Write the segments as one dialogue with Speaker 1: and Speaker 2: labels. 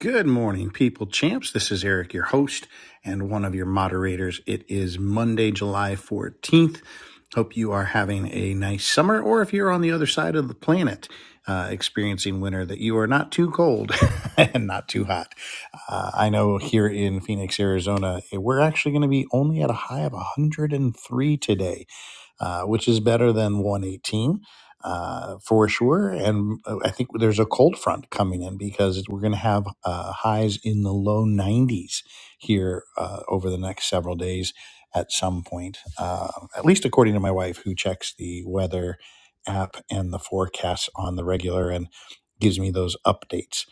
Speaker 1: Good morning, people champs. This is Eric, your host and one of your moderators. It is Monday, July 14th. Hope you are having a nice summer, or if you're on the other side of the planet uh, experiencing winter, that you are not too cold and not too hot. Uh, I know here in Phoenix, Arizona, eh, we're actually going to be only at a high of 103 today uh, which is better than 118 uh, for sure. And uh, I think there's a cold front coming in because we're going to have uh, highs in the low 90s here uh, over the next several days at some point, uh, at least according to my wife, who checks the weather app and the forecasts on the regular and gives me those updates.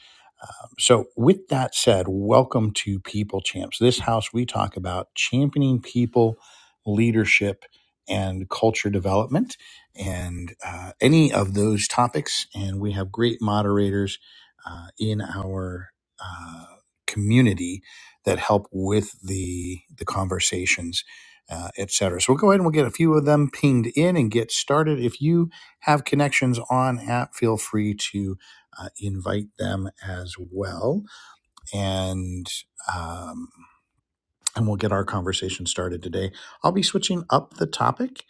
Speaker 1: So, with that said, welcome to People Champs. This house, we talk about championing people, leadership, and culture development, and uh, any of those topics. And we have great moderators uh, in our uh, community that help with the the conversations. Uh, et cetera. So we'll go ahead and we'll get a few of them pinged in and get started. If you have connections on app, feel free to uh, invite them as well, and um, and we'll get our conversation started today. I'll be switching up the topic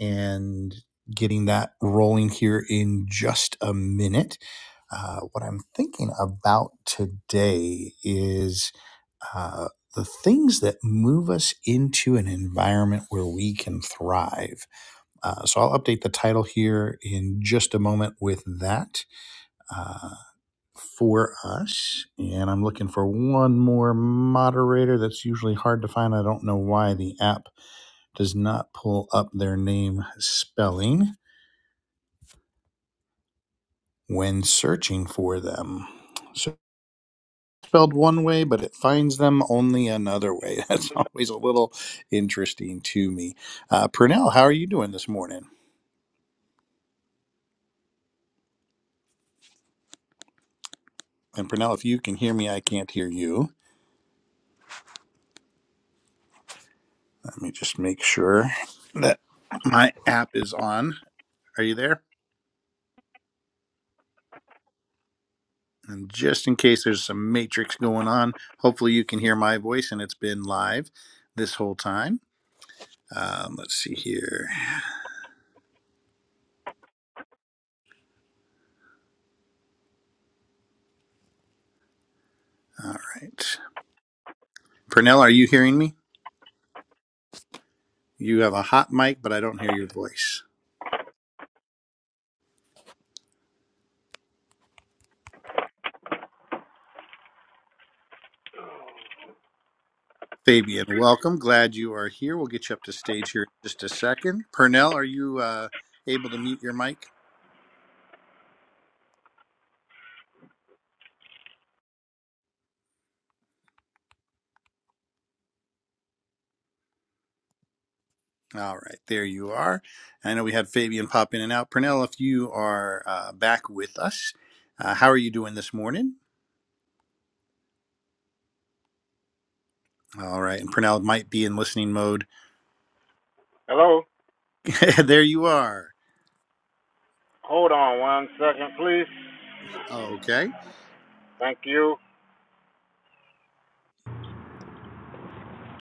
Speaker 1: and getting that rolling here in just a minute. Uh, what I'm thinking about today is uh, the things that move us into an environment where we can thrive. Uh, so I'll update the title here in just a moment with that. Uh, for us. And I'm looking for one more moderator. That's usually hard to find. I don't know why the app does not pull up their name spelling when searching for them. So spelled one way, but it finds them only another way. That's always a little interesting to me. Uh, Purnell, how are you doing this morning? And Purnell, if you can hear me, I can't hear you. Let me just make sure that my app is on. Are you there? And just in case there's some matrix going on, hopefully you can hear my voice and it's been live this whole time. Um, let's see here. All right. Pernell, are you hearing me? You have a hot mic, but I don't hear your voice. Fabian, welcome. Glad you are here. We'll get you up to stage here in just a second. Pernell, are you uh, able to mute your mic? All right, there you are. I know we had Fabian pop in and out. Pernell, if you are uh, back with us, uh, how are you doing this morning? All right. And Purnell might be in listening mode.
Speaker 2: Hello?
Speaker 1: there you are.
Speaker 2: Hold on one second, please.
Speaker 1: Okay.
Speaker 2: Thank you.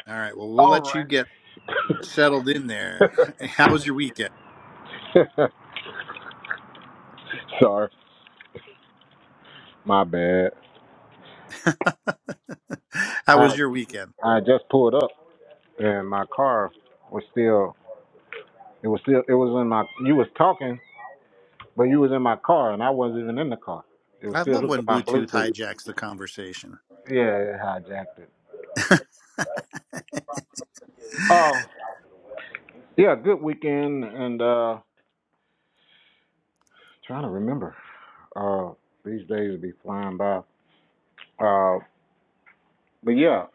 Speaker 1: All right. Well, we'll let you get settled in there. How was your weekend?
Speaker 2: Sorry, my bad.
Speaker 1: How
Speaker 2: I
Speaker 1: was your weekend?
Speaker 2: I just pulled up and my car was still it was still it was in my you was talking, but you was in my car and I wasn't even in the car. It was
Speaker 1: I
Speaker 2: still
Speaker 1: love
Speaker 2: hooked to
Speaker 1: when
Speaker 2: my
Speaker 1: Bluetooth
Speaker 2: Bluetooth.
Speaker 1: hijacks the conversation.
Speaker 2: Yeah, it hijacked it. Oh yeah, good weekend and uh trying to remember. Uh these days will be flying by. Uh but yeah,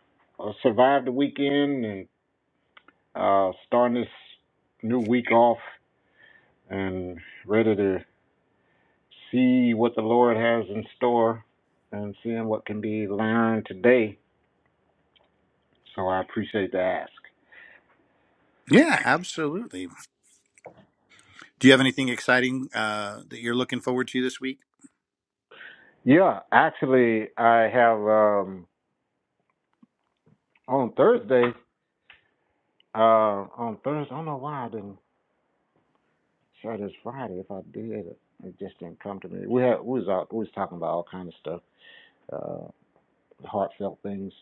Speaker 2: I survived the weekend and. Uh, starting this new week off and ready to see what the Lord has in store and seeing what can be learned today. So I appreciate the ask.
Speaker 1: Yeah, absolutely. Do you have anything exciting uh, that you're looking forward to this week?
Speaker 2: Yeah, actually, I have um, on Thursday. Uh, on Thursday, I don't know why I didn't share this Friday. If I did, it just didn't come to me. We had we was out, we was talking about all kind of stuff, uh, heartfelt things.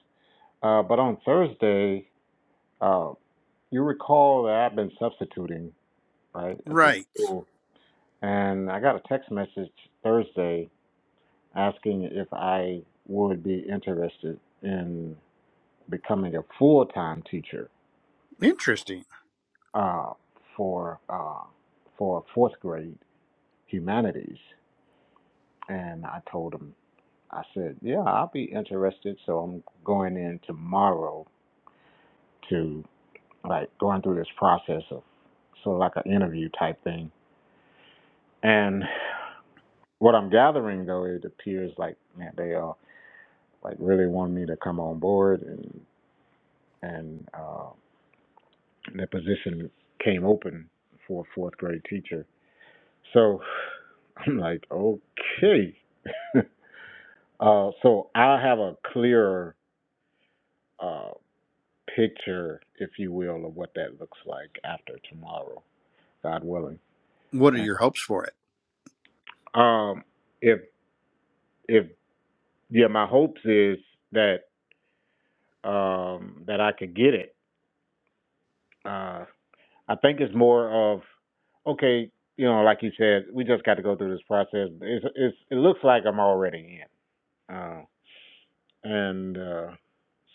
Speaker 2: Uh, but on Thursday, uh, You recall that I've been substituting, right, at the
Speaker 1: Right.
Speaker 2: school. And I got a text message Thursday asking if I would be interested in becoming a full time teacher
Speaker 1: Interesting.
Speaker 2: uh, for, uh, for fourth grade humanities. And I told him, I said, yeah, I'll be interested. So I'm going in tomorrow to like going through this process of sort of like an interview type thing. And What I'm gathering though, it appears like man, they uh like really want me to come on board, and and uh, the position came open for a fourth grade teacher. So I'm like, okay. uh, so i have a clearer uh, picture, if you will, of what that looks like after tomorrow, God willing.
Speaker 1: What are
Speaker 2: And,
Speaker 1: your hopes for it?
Speaker 2: um, if if yeah, my hopes is that um, that I could get it. Uh, I think it's more of okay, you know, like you said, we just got to go through this process. It's, it's it looks like I'm already in, uh, and uh,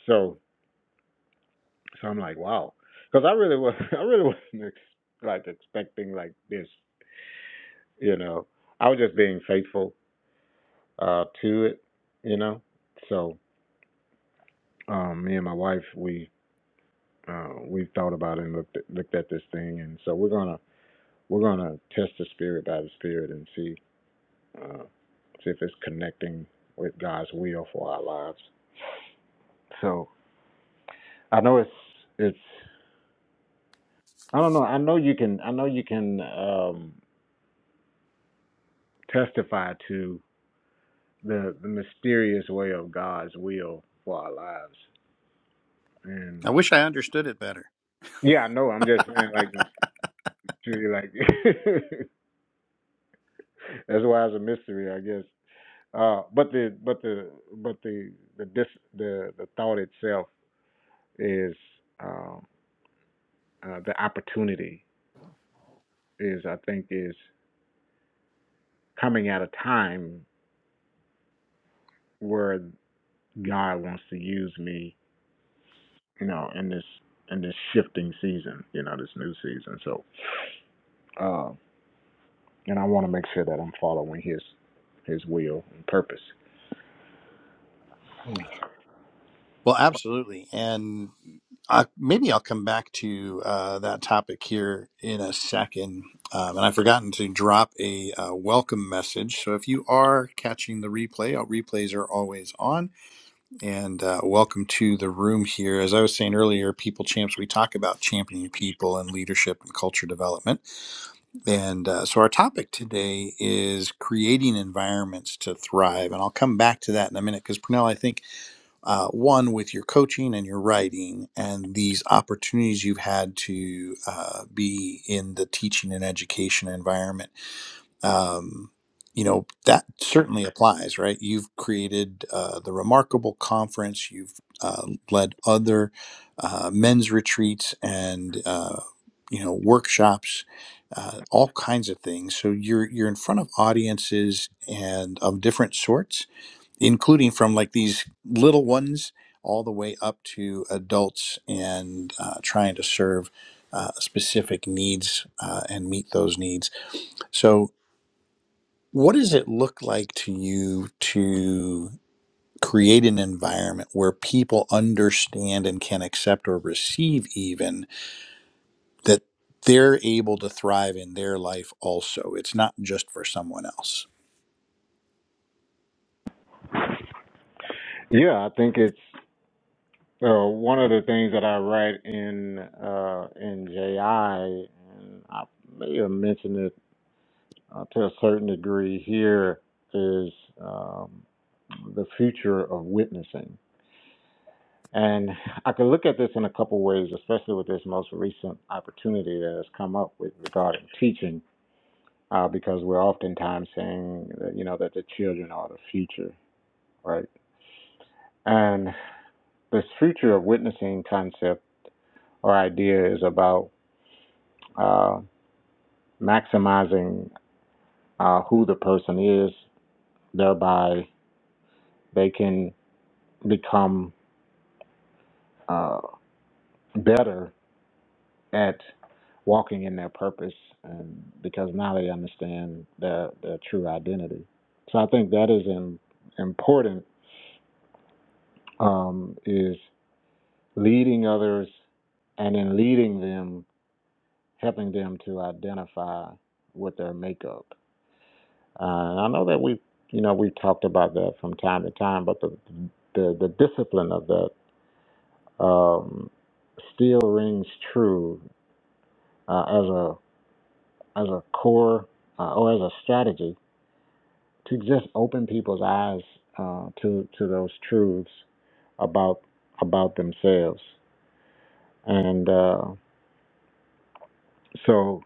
Speaker 2: so so I'm like, wow, because I really was I really wasn't ex- like expecting like this, you know. I was just being faithful uh, to it, you know. So um, me and my wife, we uh, we thought about it and looked at, looked at this thing, and so we're gonna we're gonna test the spirit by the spirit and see uh, see if it's connecting with God's will for our lives. So I know it's it's I don't know. I know you can I know you can um, testify to the the mysterious way of God's will for our lives. And
Speaker 1: I wish I understood it better.
Speaker 2: yeah, I know. I'm just saying like truly like that's why it's a mystery, I guess. Uh, but the but the but the the dis, the the thought itself is um, uh, the opportunity is I think is coming at a time where God wants to use me, you know, in this in this shifting season, you know, this new season. So, uh, and I want to make sure that I'm following His His will and purpose.
Speaker 1: Well, absolutely. And I, maybe I'll come back to uh, that topic here in a second. Um, and I've forgotten to drop a uh, welcome message. So if you are catching the replay, our replays are always on. And uh, welcome to the room here. As I was saying earlier, People Champs, we talk about championing people and leadership and culture development. And uh, so our topic today is creating environments to thrive. And I'll come back to that in a minute because, Pernell, I think uh, one with your coaching and your writing and these opportunities you've had to uh, be in the teaching and education environment um, you know that certainly applies right you've created uh, the remarkable conference you've uh, led other uh, men's retreats and uh, you know workshops uh, all kinds of things so you're you're in front of audiences and of different sorts including from like these little ones all the way up to adults and uh, trying to serve uh, specific needs uh, and meet those needs. So, what does it look like to you to create an environment where people understand and can accept or receive even that they're able to thrive in their life also? It's not just for someone else.
Speaker 2: Yeah, I think it's uh, one of the things that I write in uh, in JI, and I may have mentioned it uh, to a certain degree here, is um, the future of witnessing. And I could look at this in a couple ways, especially with this most recent opportunity that has come up with regarding teaching, uh, because we're oftentimes saying that, you know, that the children are the future, right? And this future of witnessing concept or idea is about uh, maximizing uh, who the person is, thereby they can become uh, better at walking in their purpose and because now they understand their their true identity. So I think that is in, important um, is leading others and in leading them, helping them to identify with their makeup. Uh, and I know that we you know we've talked about that from time to time, but the the, the discipline of that um, still rings true uh, as a as a core uh, or as a strategy to just open people's eyes uh, to to those truths about about themselves. And uh, so,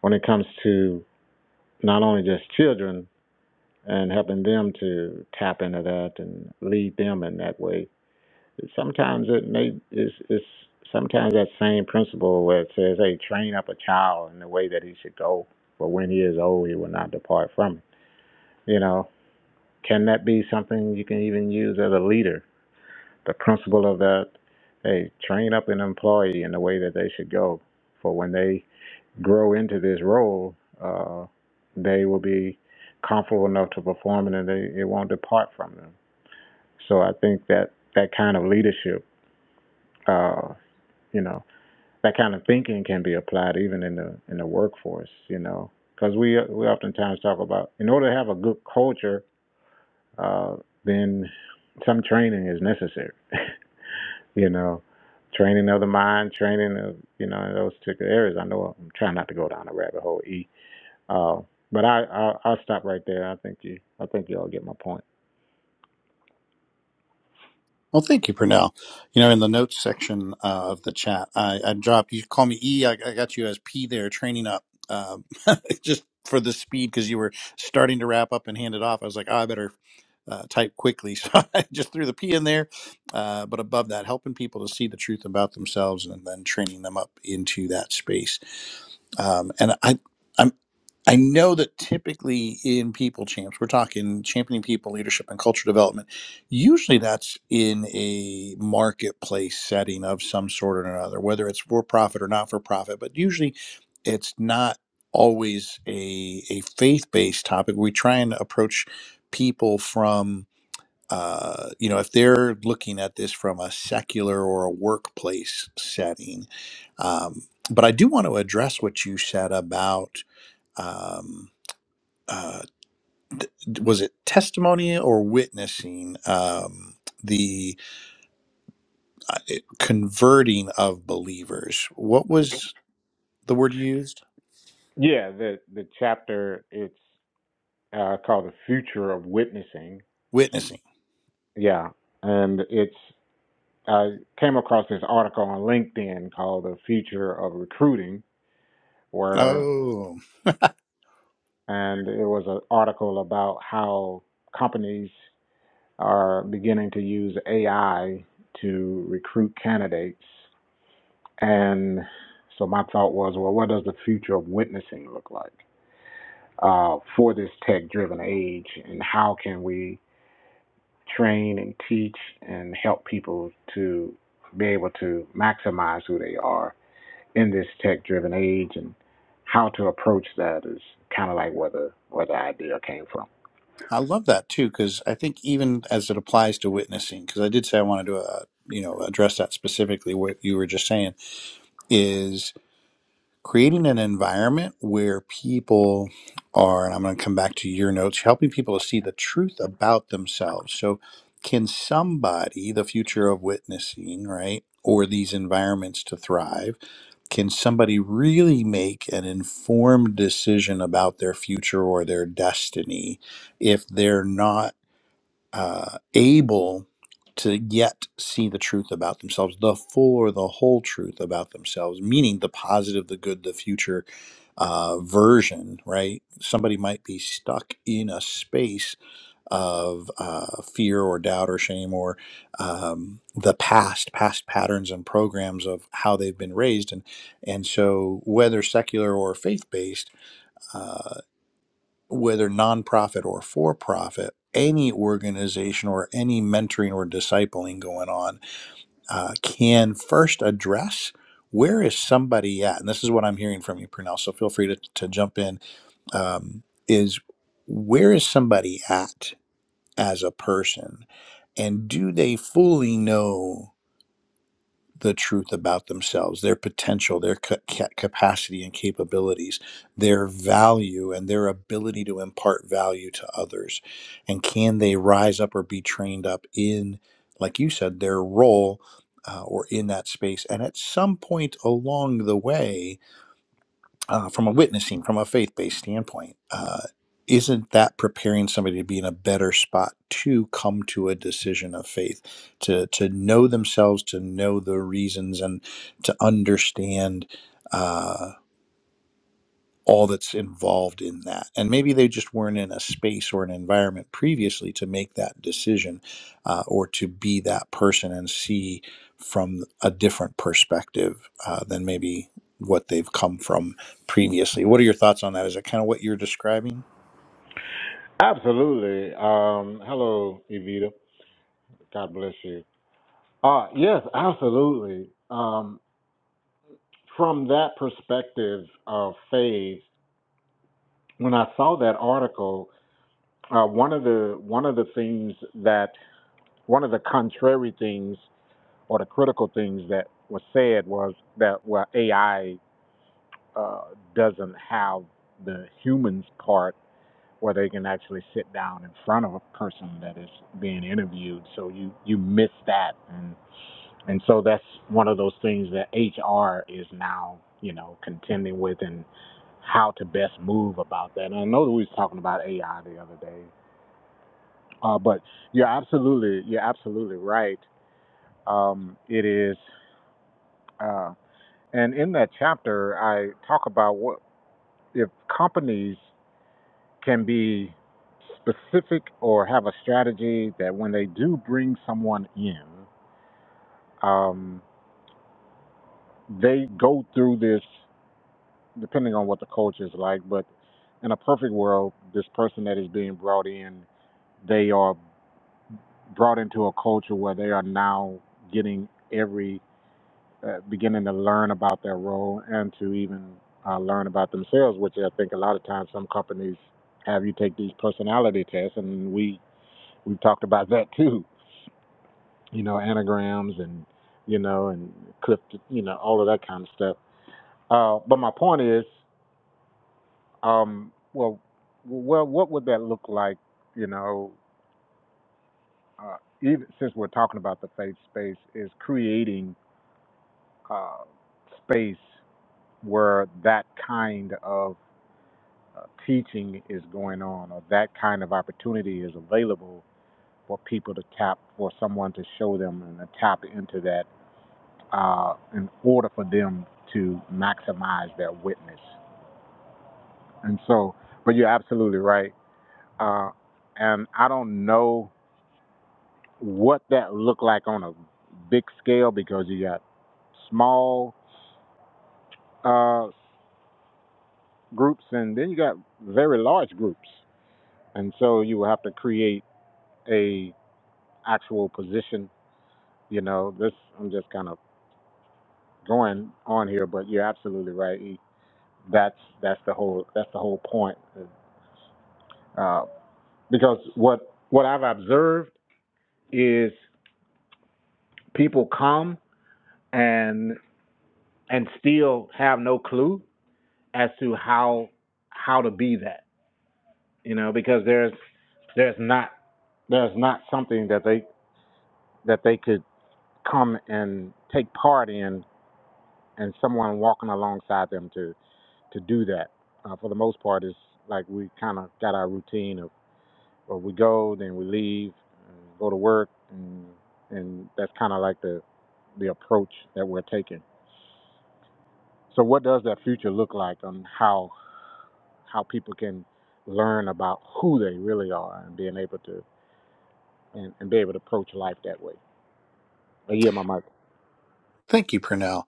Speaker 2: when it comes to not only just children and helping them to tap into that and lead them in that way, sometimes it may is is sometimes that same principle where it says, "Hey, train up a child in the way that he should go, for when he is old, he will not depart from it." You know, can that be something you can even use as a leader? the principle of that hey train up an employee in the way that they should go for when they grow into this role uh, they will be comfortable enough to perform it and they, it won't depart from them so i think that that kind of leadership uh, you know that kind of thinking can be applied even in the in the workforce you know because we we oftentimes talk about in order to have a good culture uh, then some training is necessary you know, training of the mind, training of you know in those particular areas. I know I'm trying not to go down a rabbit hole. E, uh, but I I'll, I'll stop right there. I think you I think you all get my point.
Speaker 1: Well, thank you, Purnell. You know, in the notes section uh, of the chat, I, I dropped, you call me E, I, I got you as P there, training up, um, just for the speed because you were starting to wrap up and hand it off. I was like, oh, I better uh, type quickly. So I just threw the P in there. Uh, but above that, helping people to see the truth about themselves and then training them up into that space. Um, and I, I'm. I know that typically in people champs, we're talking championing people, leadership, and culture development. Usually that's in a marketplace setting of some sort or another, whether it's for profit or not for profit, but usually it's not always a, a faith based topic. We try and approach people from uh, you know, if they're looking at this from a secular or a workplace setting, um, but I do want to address what you said about Um, uh, was it testimony or witnessing um, the uh, it- converting of believers? What was the word used?
Speaker 2: Yeah, the the chapter it's uh, called the future of witnessing.
Speaker 1: Witnessing.
Speaker 2: Yeah, and it's I came across this article on LinkedIn called the future of recruiting, where
Speaker 1: Oh,
Speaker 2: and it was an article about how companies are beginning to use AI to recruit candidates. And so my thought was, well, what does the future of witnessing look like uh, for this tech driven age? And how can we train and teach and help people to be able to maximize who they are in this tech driven age? And how to approach that is kind of like where the, where the idea came from.
Speaker 1: I love that too because I think even as it applies to witnessing, because I did say I wanted to, uh, you know, address that specifically. What you were just saying is creating an environment where people are, and I'm going to come back to your notes, helping people to see the truth about themselves. So, can somebody, the future of witnessing, right, or these environments to thrive, can somebody really make an informed decision about their future or their destiny if they're not uh, able? To yet see the truth about themselves, the full or the whole truth about themselves, meaning the positive, the good, the future, uh, version, right? Somebody might be stuck in a space of uh, fear or doubt or shame or um, the past, past patterns and programs of how they've been raised, and and so whether secular or faith based, uh, whether nonprofit or for profit. Any organization or any mentoring or discipling going on uh, can first address where is somebody at? And this is what I'm hearing from you, Purnell. So feel free to, to jump in um, is where is somebody at as a person and do they fully know the truth about themselves their potential their ca- ca- capacity and capabilities their value and their ability to impart value to others and can they rise up or be trained up in like you said their role uh, or in that space and at some point along the way uh, from a witnessing, from a faith based standpoint, uh, isn't that preparing somebody to be in a better spot to come to a decision of faith, to to know themselves, to know the reasons, and to understand? uh, all that's involved in that. And maybe they just weren't in a space or an environment previously to make that decision uh, or to be that person and see from a different perspective uh, than maybe what they've come from previously. What are your thoughts on that? Is it kind of what you're describing?
Speaker 2: Absolutely. Um, hello, Evita. God bless you. Uh, yes, absolutely. Um, from that perspective of faith, when I saw that article, uh, one of the one of the things that one of the contrary things or the critical things that was said was that well AI uh, doesn't have the humans part where they can actually sit down in front of a person that is being interviewed. So you you miss that, and and so that's one of those things that HR is now you know contending with and how to best move about that. And I know that we was talking about AI the other day, uh, but you're absolutely you're absolutely right. Um, it is, uh, and in that chapter I talk about what if companies can be specific or have a strategy that when they do bring someone in, um, they go through this, depending on what the culture is like. But in a perfect world, this person that is being brought in, they are brought into a culture where they are now getting every, uh, beginning to learn about their role and to even uh, learn about themselves, which I think a lot of times some companies have you take these personality tests, and we We talked about that too. You know, anagrams and you know and clip, you know, all of that kind of stuff. Uh, but my point is, um, well, well, what would that look like? You know, uh, even since we're talking about the faith space, is creating uh, space where that kind of uh, teaching is going on, or that kind of opportunity is available for people to tap, for someone to show them and to tap into that uh, in order for them to maximize their witness. And so, but you're absolutely right. Uh, and I don't know what that looked like on a big scale because you got small uh, groups and then you got very large groups. And so you will have to create a actual position. You know, this I'm just kind of going on here, but you're absolutely right. That's that's the whole that's the whole point uh, because what what I've observed is people come and and still have no clue as to how how to be that you know because there's there's not there's not something that they that they could come and take part in and someone walking alongside them to to do that uh, for the most part it's like we kind of got our routine of or we go, then we leave, and go to work, and and that's kind of like the the approach that we're taking. So, what does that future look like, on how how people can learn about who they really are and being able to and, and be able to approach life that way? I yield my mic.
Speaker 1: Thank you, Purnell.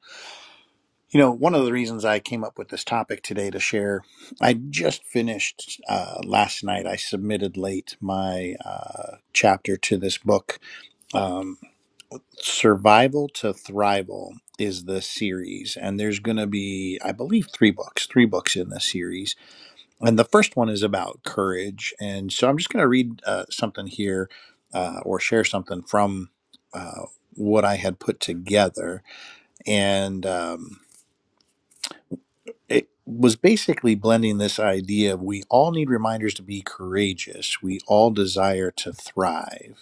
Speaker 1: You know, one of the reasons I came up with this topic today to share, I just finished uh, last night. I submitted late my uh, chapter to this book Um, Survival to Thrival is the series, and there's going to be, I believe, three books, three books in this series. And the first one is about courage. And so I'm just going to read uh, something here uh, or share something from uh, what I had put together. And um, it was basically blending this idea of we all need reminders to be courageous, we all desire to thrive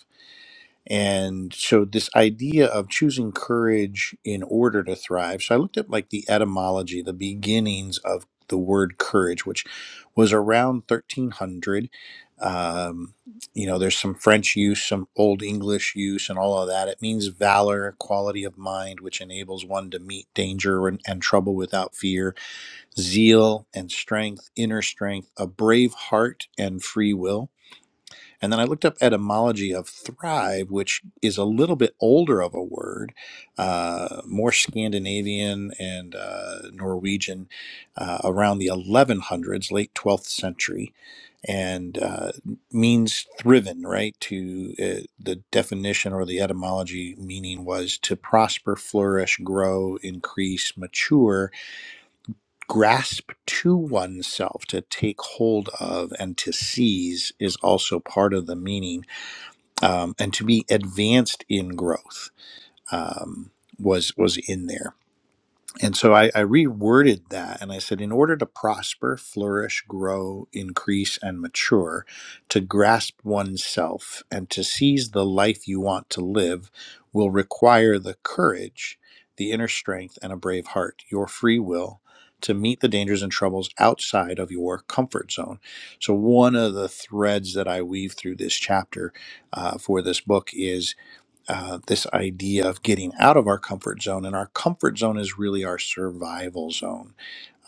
Speaker 1: and so this idea of choosing courage in order to thrive so i looked up like the etymology the beginnings of the word courage which was around 1300 um, you know there's some french use some old english use and all of that it means valor quality of mind which enables one to meet danger and, and trouble without fear zeal and strength inner strength a brave heart and free will and then I looked up etymology of thrive, which is a little bit older of a word, uh, more Scandinavian and uh, Norwegian, uh, around the 1100s, late 12th century, and uh, means thriven, right? To uh, the definition or the etymology meaning was to prosper, flourish, grow, increase, mature, grasp to oneself, to take hold of, and to seize is also part of the meaning um, and to be advanced in growth um, was was in there and so I, I reworded that and I said, in order to prosper, flourish, grow, increase, and mature, to grasp oneself and to seize the life you want to live will require the courage, the inner strength, and a brave heart, your free will to meet the dangers and troubles outside of your comfort zone. So, one of the threads that I weave through this chapter uh, for this book is uh, this idea of getting out of our comfort zone. And our comfort zone is really our survival zone.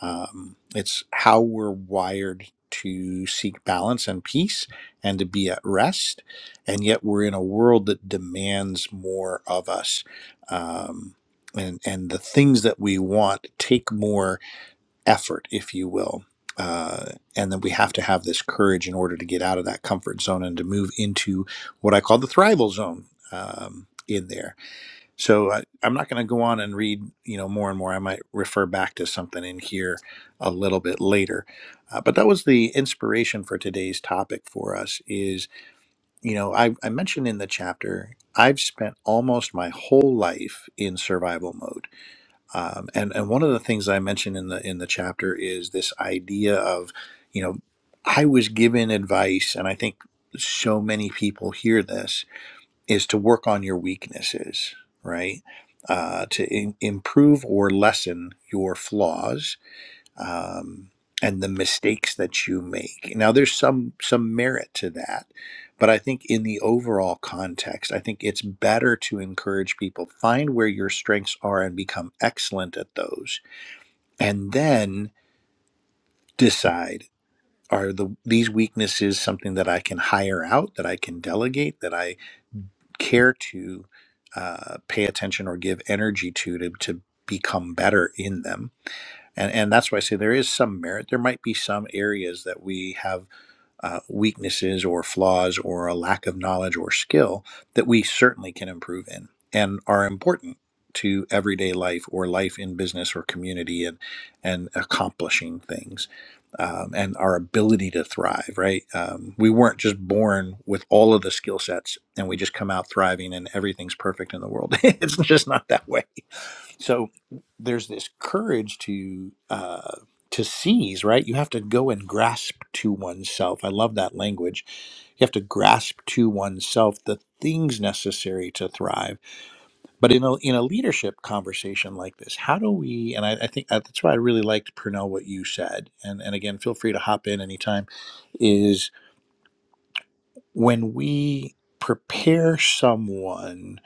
Speaker 1: Um, it's how we're wired to seek balance and peace and to be at rest. And yet we're in a world that demands more of us. Um, and, and the things that we want take more effort, if you will. Uh, and then we have to have this courage in order to get out of that comfort zone and to move into what I call the thrival zone um, in there. So I, I'm not going to go on and read, you know, more and more. I might refer back to something in here a little bit later. Uh, but that was the inspiration for today's topic for us is, you know, I, I mentioned in the chapter, I've spent almost my whole life in survival mode um, and and one of the things I mentioned in the in the chapter is this idea of, you know, I was given advice, and I think so many people hear this is to work on your weaknesses, right? Uh, to in, improve or lessen your flaws, um, and the mistakes that you make. Now, there's some some merit to that, but I think in the overall context, I think it's better to encourage people find where your strengths are and become excellent at those, and then decide are the these weaknesses something that I can hire out, that I can delegate, that I care to uh, pay attention or give energy to to to become better in them and and that's why I say there is some merit. There might be some areas that we have uh, weaknesses or flaws or a lack of knowledge or skill that we certainly can improve in and are important to everyday life or life in business or community and and accomplishing things um, and our ability to thrive. Right, um, we weren't just born with all of the skill sets and we just come out thriving and everything's perfect in the world. it's just not that way so there's this courage to uh, to seize right you have to go and grasp to oneself i love that language you have to grasp to oneself the things necessary to thrive but in a, in a leadership conversation like this how do we and i, I think uh, that's why i really liked purnell what you said and, and again feel free to hop in anytime is when we prepare someone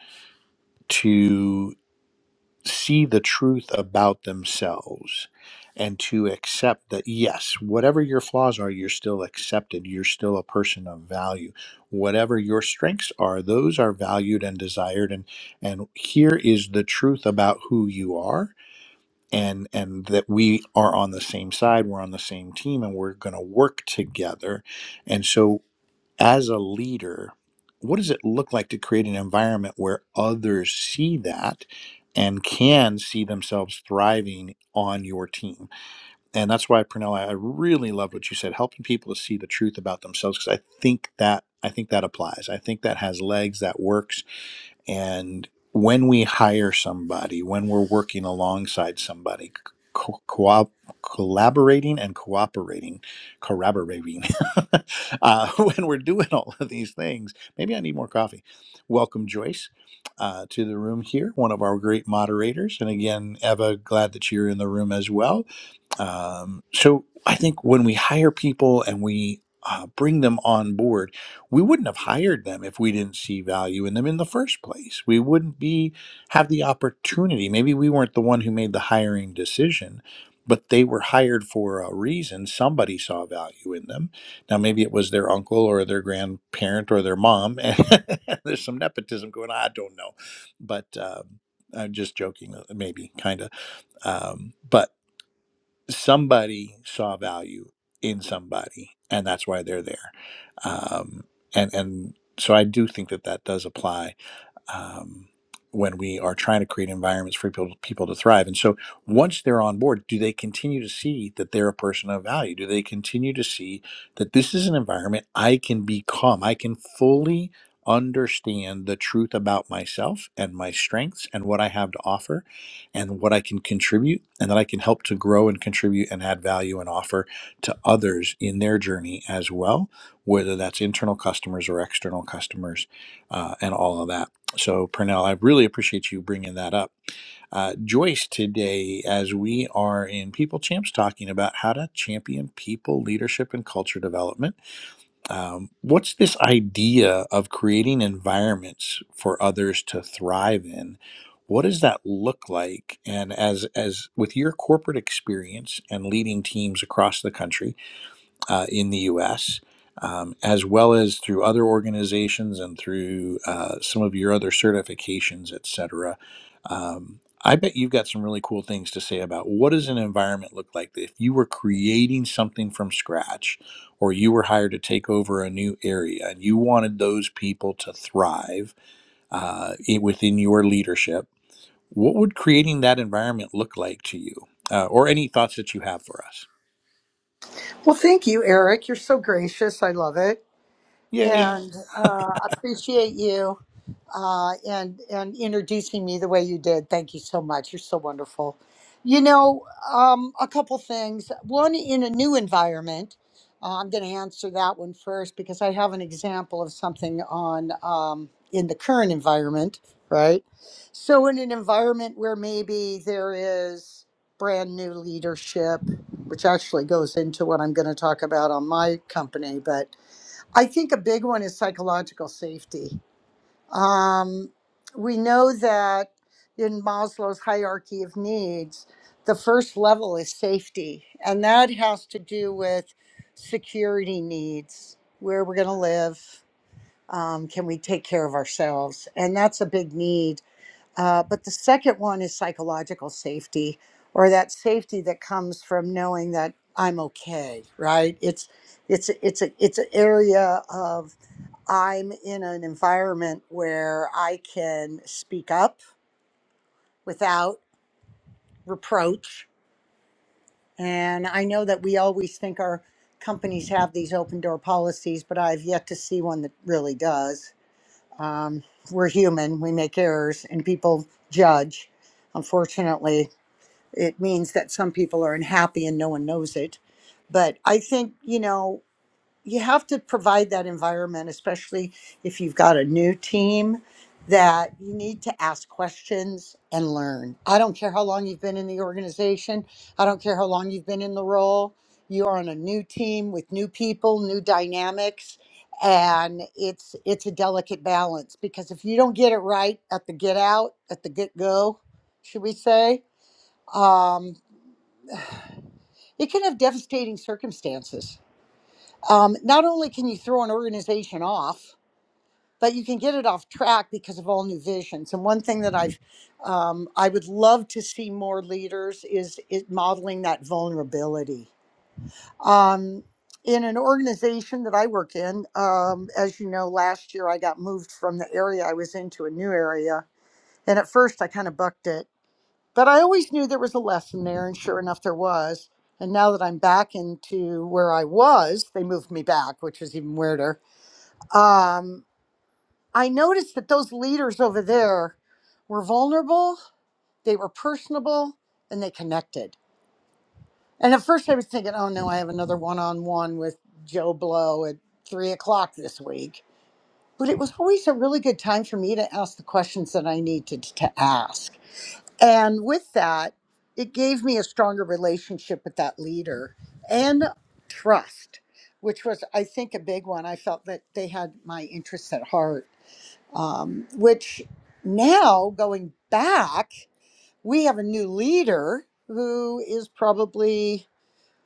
Speaker 1: see the truth about themselves and to accept that yes whatever your flaws are you're still accepted you're still a person of value whatever your strengths are those are valued and desired and and here is the truth about who you are and and that we are on the same side we're on the same team and we're going to work together and so as a leader, what does it look like to create an environment where others see that and can see themselves thriving on your team? And that's why, Pernell, I really love what you said, helping people to see the truth about themselves, because I think that I think that applies. I think that has legs, that works and when we hire somebody, when we're working alongside somebody, co- co- collaborating and cooperating, corroborating, uh, when we're doing all of these things, maybe I need more coffee. Welcome, Joyce, uh, to the room here, one of our great moderators. And again, Eva, glad that you're in the room as well. Um, so I think when we hire people and we uh, bring them on board, we wouldn't have hired them if we didn't see value in them in the first place. We wouldn't be have the opportunity. Maybe we weren't the one who made the hiring decision, but they were hired for a reason. Somebody saw value in them. Now maybe it was their uncle or their grandparent or their mom, and there's some nepotism going on. I don't know, but um I'm just joking, uh, maybe kind of. Um, but somebody saw value in somebody and that's why they're there um, and and so i do think that that does apply um, when we are trying to create environments for people, people to thrive. And so once they're on board, do they continue to see that they're a person of value? Do they continue to see that this is an environment I can be calm? I can fully understand the truth about myself and my strengths and what I have to offer and what I can contribute and that I can help to grow and contribute and add value and offer to others in their journey as well, whether that's internal customers or external customers uh, and all of that. So, Pernell, I really appreciate you bringing that up. Uh, Joyce, today, as we are in People Champs talking about how to champion people, leadership, and culture development, um, what's this idea of creating environments for others to thrive in? What does that look like? And as as with your corporate experience and leading teams across the country, uh, in the US, um, as well as through other organizations and through uh, some of your other certifications, et cetera. Um, I bet you've got some really cool things to say about what does an environment look like if you were creating something from scratch or you were hired to take over a new area and you wanted those people to thrive uh, i- within your leadership, what would creating that environment look like to you? Uh, or any thoughts that you have for us?
Speaker 3: Well, thank you, Eric. You're so gracious. I love it.
Speaker 1: Yay.
Speaker 3: And uh, appreciate you uh, and and introducing me the way you did. Thank you so much. You're so wonderful. You know, um, a couple things. One, in a new environment, uh, I'm going to answer that one first because I have an example of something on um, in the current environment, right? So, in an environment where maybe there is brand new leadership, which actually goes into what I'm going to talk about on my company, but I think a big one is psychological safety um, we know that in Maslow's hierarchy of needs, the first level is safety, and that has to do with security needs where we're going to live, um, can we take care of ourselves? And that's a big need. Uh, but the second one is psychological safety, or that safety that comes from knowing that I'm okay, right? It's it's it's a it's an area of I'm in an environment where I can speak up without reproach. And I know that we always think our companies have these open door policies, but I've yet to see one that really does. Um, we're human, we make errors, and people judge. Unfortunately, it means that some people are unhappy and no one knows it. But I think, you know, you have to provide that environment, especially if you've got a new team, that you need to ask questions and learn. I don't care how long you've been in the organization, I don't care how long you've been in the role. You're on a new team with new people, new dynamics, and it's it's a delicate balance because if you don't get it right at the get out, at the get go, should we say, um, it can have devastating circumstances. Um, not only can you throw an organization off, but you can get it off track because of all new visions. And one thing that I've, um, I would love to see more leaders is it modeling that vulnerability. Um, in an organization that I work in, um, as you know, last year I got moved from the area I was in to a new area, and at first I kind of bucked it, but I always knew there was a lesson there, and sure enough, there was. And now that I'm back into where I was, they moved me back, which is even weirder. Um, I noticed that those leaders over there were vulnerable, they were personable, and they connected. And at first I was thinking, oh no, I have another one on one with Joe Blow at three o'clock this week. But it was always a really good time for me to ask the questions that I needed to ask. And with that, it gave me a stronger relationship with that leader and trust, which was, I think, a big one. I felt that they had my interests at heart um, which now going back, we have a new leader who is probably,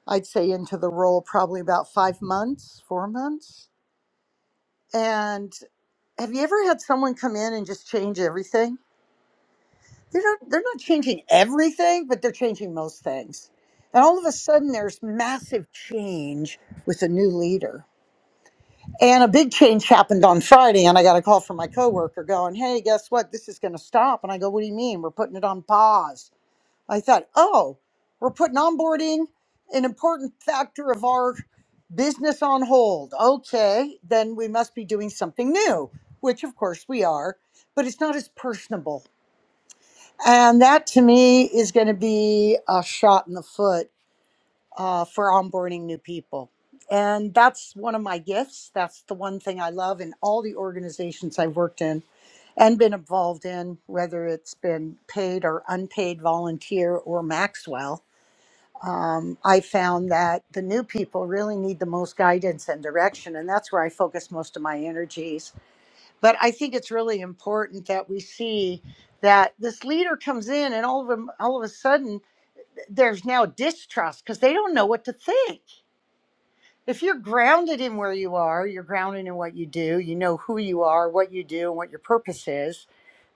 Speaker 3: I'd say, into the role probably about five months, four months. And have you ever had someone come in and just change everything? They're not, they're not changing everything, but they're changing most things. And all of a sudden, there's massive change with a new leader And a big change happened on Friday, and I got a call from my coworker going, Hey, guess what? This is going to stop. And I go, What do you mean? We're putting it on pause. I thought, Oh, we're putting onboarding, an important factor of our business on hold. Okay, then we must be doing something new, which of course we are, but it's not as personable. And that to me is going to be a shot in the foot uh, for onboarding new people. And that's one of my gifts. That's the one thing I love in all the organizations I've worked in and been involved in, whether it's been paid or unpaid volunteer or Maxwell. Um, I found that the new people really need the most guidance and direction, and that's where I focus most of my energies. But I think it's really important that we see that this leader comes in, and all of them, all of a sudden, there's now distrust because they don't know what to think if you're grounded in where you are, you're grounded in what you do, you know who you are, what you do, and what your purpose is,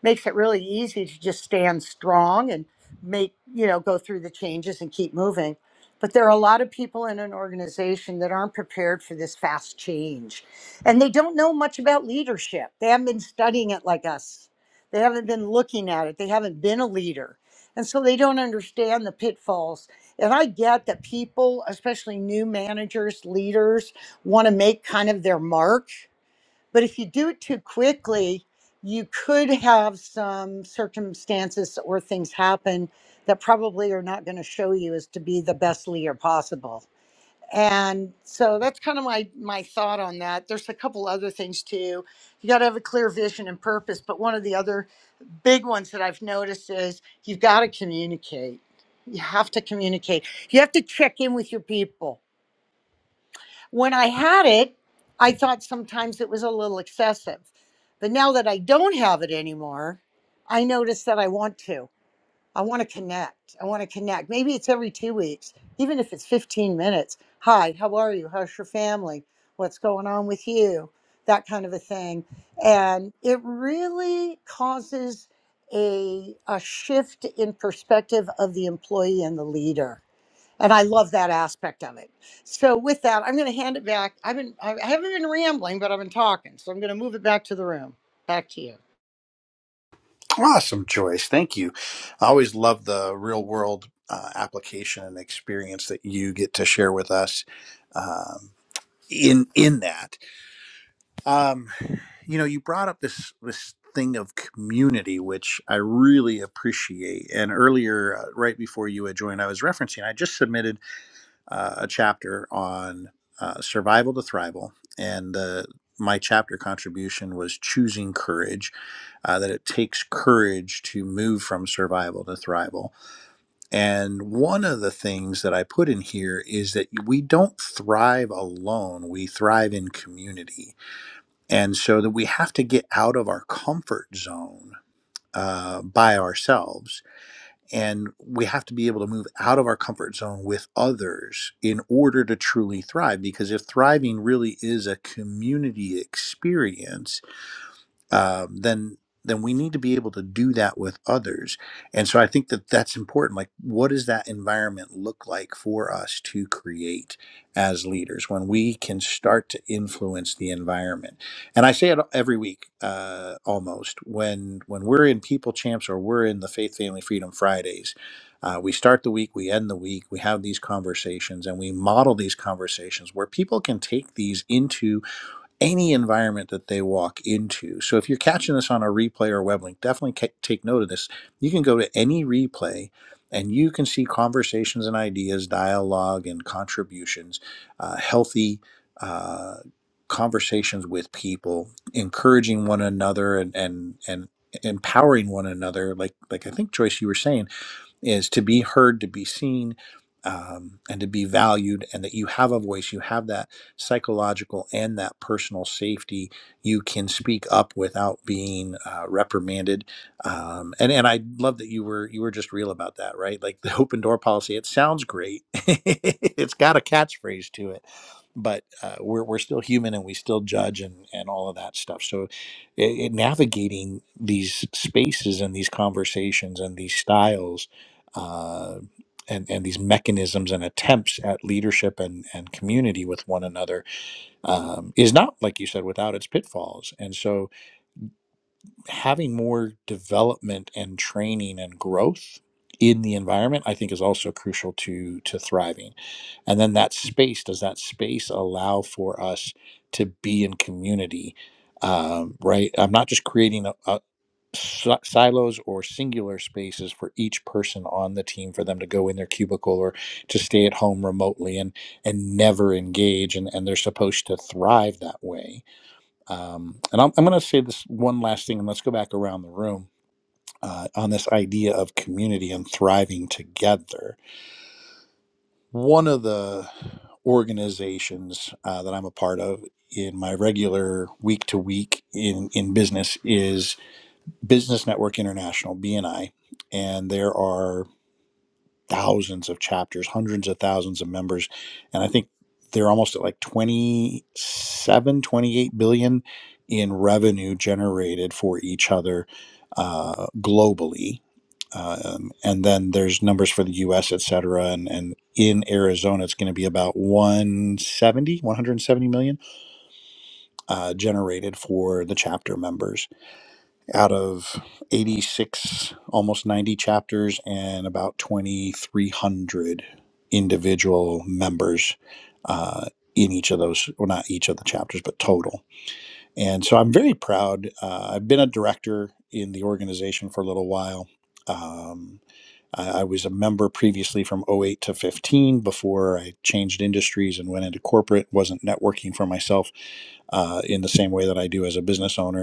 Speaker 3: makes it really easy to just stand strong and make, you know, go through the changes and keep moving. But there are a lot of people in an organization that aren't prepared for this fast change. And they don't know much about leadership. They haven't been studying it like us, they haven't been looking at it, they haven't been a leader. And so they don't understand the pitfalls and I get that people, especially new managers, leaders, want to make kind of their mark. But if you do it too quickly, you could have some circumstances or things happen that probably are not going to show you as to be the best leader possible. And so that's kind of my my thought on that. There's a couple other things too. You got to have a clear vision and purpose, but one of the other big ones that I've noticed is you've got to communicate. You have to communicate. You have to check in with your people. When I had it, I thought sometimes it was a little excessive. But now that I don't have it anymore, I notice that I want to. I want to connect. I want to connect. Maybe it's every two weeks, even if it's 15 minutes. Hi, how are you? How's your family? What's going on with you? That kind of a thing. And it really causes a, a shift in perspective of the employee and the leader. And I love that aspect of it. So with that, I'm going to hand it back. I've been, I haven't been rambling, but I've been talking. So I'm going to move it back to the room. Back to you.
Speaker 1: Awesome choice. Thank you. I always love the real world uh, application and experience that you get to share with us um, in in that. Um, you know, you brought up this this thing of community, which I really appreciate. And earlier, uh, right before you had joined, I was referencing. I just submitted uh, a chapter on uh, survival to thrival, and the my chapter contribution was choosing courage. Uh, that it takes courage to move from survival to thrival. And one of the things that I put in here is that we don't thrive alone; we thrive in community, and so that we have to get out of our comfort zone uh, by ourselves and we have to be able to move out of our comfort zone with others in order to truly thrive. Because if thriving really is a community experience, um, then then we need to be able to do that with others. And so I think that that's important. Like, what does that environment look like for us to create as leaders when we can start to influence the environment? And I say it every week, uh, almost when when we're in People Champs or we're in the Faith Family Freedom Fridays. Uh, we start the week, we end the week, we have these conversations, and we model these conversations where people can take these into any environment that they walk into. So if you're catching this on a replay or web link, definitely ca- take note of this. You can go to any replay and you can see conversations and ideas, dialogue and contributions, uh, healthy uh, conversations with people, encouraging one another and, and, and empowering one another. Like, like I think Joyce, you were saying, is to be heard, to be seen, um, and to be valued, and that you have a voice, you have that psychological and that personal safety. You can speak up without being uh, reprimanded. Um, and and I love that you were you were just real about that, right? Like the open door policy. It sounds great. it's got a catchphrase to it, but uh, we're we're still human and we still judge and and all of that stuff. So i i- navigating these spaces and these conversations and these styles uh, and and these mechanisms and attempts at leadership and and community with one another um, is not like you said without its pitfalls. And so having more development and training and growth in the environment, I think, is also crucial to to thriving. And then that space does that space allow for us to be in community? Um, right, I'm not just creating a, a, si- silos or singular spaces for each person on the team for them to go in their cubicle or to stay at home remotely and and never engage and, and they're supposed to thrive that way um, and i'm, I'm going to say this one last thing and let's go back around the room uh, on this idea of community and thriving together one of the organizations uh, that i'm a part of in my regular week to week in in business is. Business Network International, BNI, and there are thousands of chapters, hundreds of thousands of members. And I think they're almost at like twenty-seven, twenty-eight billion in revenue generated for each other uh, globally. Um, and then there's numbers for the US, et cetera. And, and in Arizona, it's going to be about one hundred seventy, one hundred seventy million uh, generated for the chapter members out of 86, almost 90 chapters and about 2,300 individual members uh, in each of those, well, not each of the chapters, but total. And so I'm very proud. Uh, I've been a director in the organization for a little while. Um, I, I was a member previously from '08 to 15 before I changed industries and went into corporate, wasn't networking for myself uh, in the same way that I do as a business owner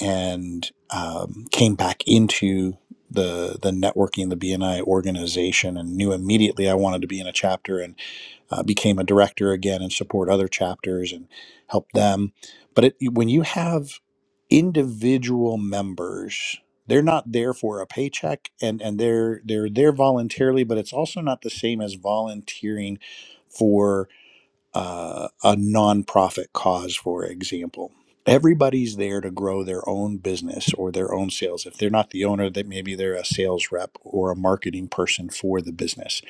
Speaker 1: and um, came back into the the networking, the BNI organization, and knew immediately I wanted to be in a chapter, and uh, became a director again and support other chapters and help them. But it, when you have individual members, they're not there for a paycheck, and and they're they're there voluntarily, but it's also not the same as volunteering uh, a nonprofit cause, for example. Everybody's there to grow their own business or their own sales. If they're not the owner, that maybe they're a sales rep or a marketing person for the business,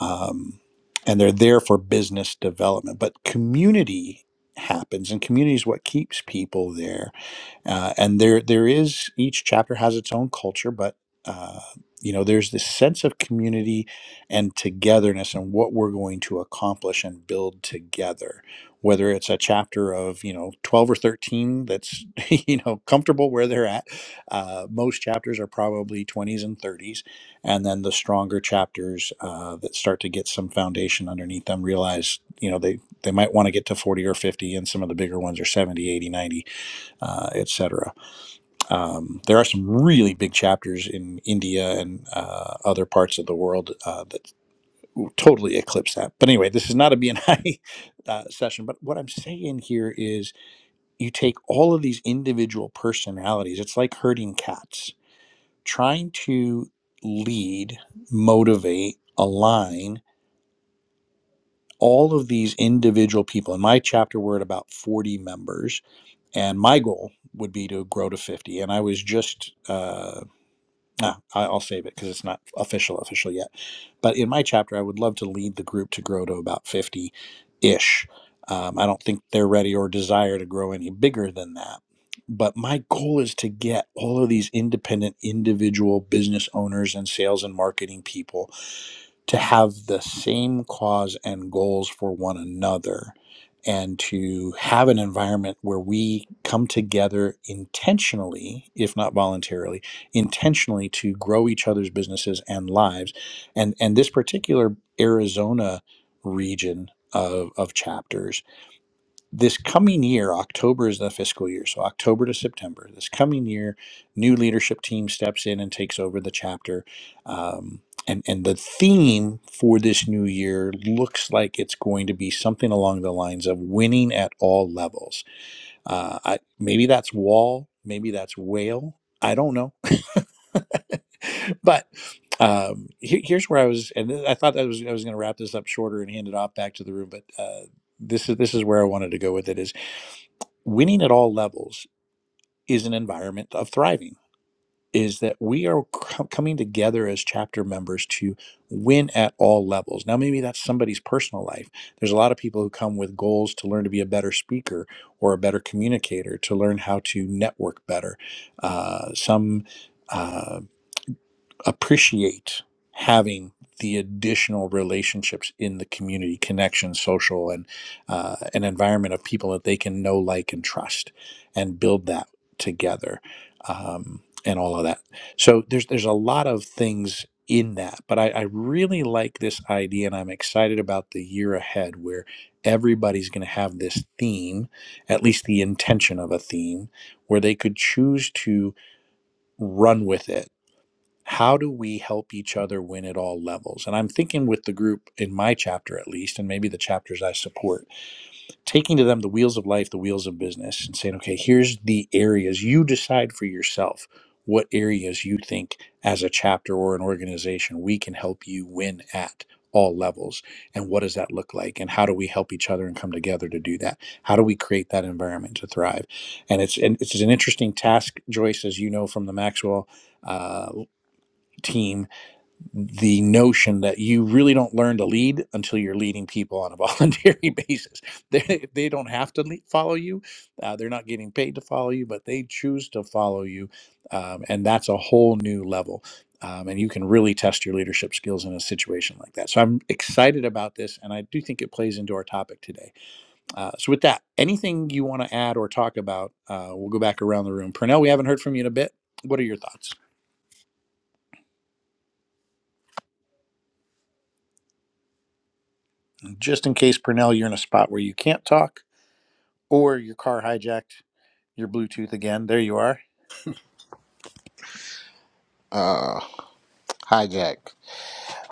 Speaker 1: um, and they're there for business development. But community happens, and community is what keeps people there uh, and there there is each chapter has its own culture but uh, you know there's this sense of community and togetherness and what we're going to accomplish and build together whether it's a chapter of you know 12 or 13 that's you know comfortable where they're at uh, most chapters are probably 20s and 30s and then the stronger chapters uh, that start to get some foundation underneath them realize you know they they might want to get to 40 or 50 and some of the bigger ones are 70, 80, 90 uh, etc. Um, there are some really big chapters in India and uh, other parts of the world uh, that totally eclipse that. But anyway, this is not a BNI uh, session. But what I'm saying here is you take all of these individual personalities, it's like herding cats, trying to lead, motivate, align. All of these individual people in my chapter, we're at about 40 members and my goal would be to grow to 50 and i was just uh, No, I- I'll save it because it's not official official yet. But in my chapter, I would love to lead the group to grow to about fifty ish. Um, I don't think they're ready or desire to grow any bigger than that. But my goal is to get all of these independent, individual business owners and sales and marketing people to have the same cause and goals for one another and to have an environment where we come together intentionally if not voluntarily intentionally to grow each other's businesses and lives and and this particular arizona region of, of chapters this coming year, October is the fiscal year. So, October to September, this coming year, new leadership team steps in and takes over the chapter. Um, and, and the theme for this new year looks like it's going to be something along the lines of winning at all levels. Uh, I, maybe that's wall, maybe that's whale. I don't know. but um, here, here's where I was, and I thought that was I was going to wrap this up shorter and hand it off back to the room, but uh, this is this is where I wanted to go with it. Is winning at all levels is an environment of thriving is that we are c- coming together as chapter members to win at all levels now maybe that's somebody's personal life there's a lot of people who come with goals to learn to be a better speaker or a better communicator to learn how to network better uh, some uh, appreciate having the additional relationships in the community connection social and uh, an environment of people that they can know like and trust and build that together um, and all of that so there's there's a lot of things in that but I, I really like this idea and i'm excited about the year ahead where everybody's going to have this theme at least the intention of a theme where they could choose to run with it how do we help each other win at all levels? And I'm thinking with the group in my chapter, at least, and maybe the chapters I support, taking to them the wheels of life, the wheels of business, and saying, okay, here's the areas you decide for yourself what areas you think as a chapter or an organization we can help you win at all levels and what does that look like and how do we help each other and come together to do that how do we create that environment to thrive and it's and it's an interesting task joyce as you know from the maxwell uh, team the notion that you really don't learn to lead until you're leading people on a voluntary basis. They, they don't have to lead, follow you. Uh, they're not getting paid to follow you, but they choose to follow you. Um, and that's a whole new level. Um, and you can really test your leadership skills in a situation like that. So I'm excited about this. And I do think it plays into our topic today. Uh, so, with that, anything you want to add or talk about, uh, we'll go back around the room. Purnell, we haven't heard from you in a bit. What are your thoughts? Just in case, Purnell, you're in a spot where you can't talk or your car hijacked your Bluetooth again. There you are.
Speaker 2: uh, hijack.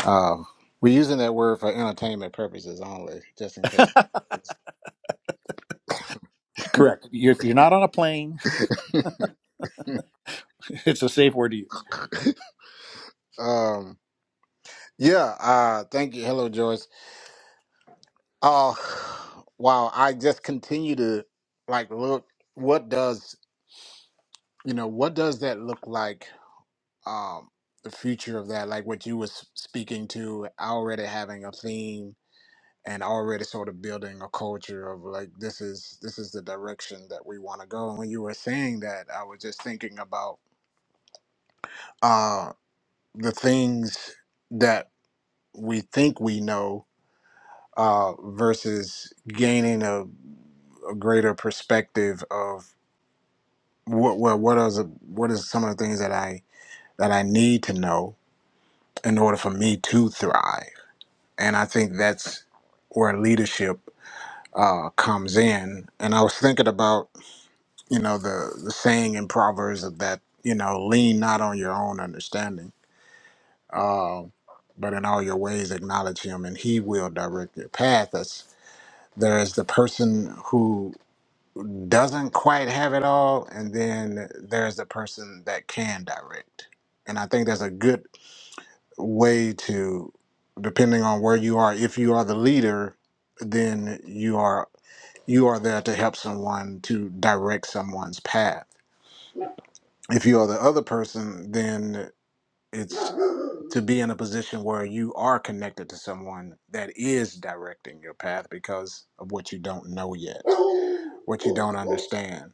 Speaker 2: Um, we're using that word for entertainment purposes only, just in case.
Speaker 1: Correct. You- If you're not on a plane, it's a safe word to use.
Speaker 2: Um, yeah. Uh, thank you. Hello, Joyce. Oh, wow. I just continue to like look what does, you know, what does that look like um the future like what you was speaking to already having a theme and already sort of building a culture of like this is this is the direction that we want to go. And when you were saying I was just thinking about uh the things that we think we know uh versus gaining a, a greater perspective of. what what what are the, what is some of the things that I that I need to know in order for me to thrive? And I think that's where leadership uh, comes in. And I was thinking about you know the the saying in Proverbs of that you know lean not on your own understanding, uh, but in all your ways acknowledge Him, and He will direct your path. That's there's the person who doesn't quite have it all, and then there's the person that can direct and I think there's a good way to depending on where you are if you are the leader then you are you are there to help someone to direct someone's path if you are the other person then it's to be in a position where you are connected to someone that is directing your path because of what you don't know yet what you don't understand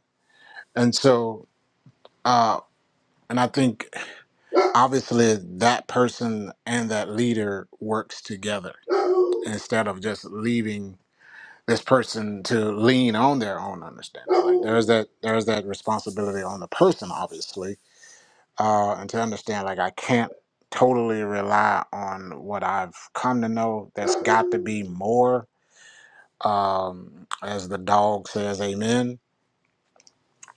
Speaker 2: and so uh and i think obviously that person and that leader works together instead of just leaving this person to lean on their own understanding. Like there's that there's that responsibility on the person, obviously, uh, and to understand like I can't totally rely on what I've come to know. That's got to be more, um, as the dog says, amen.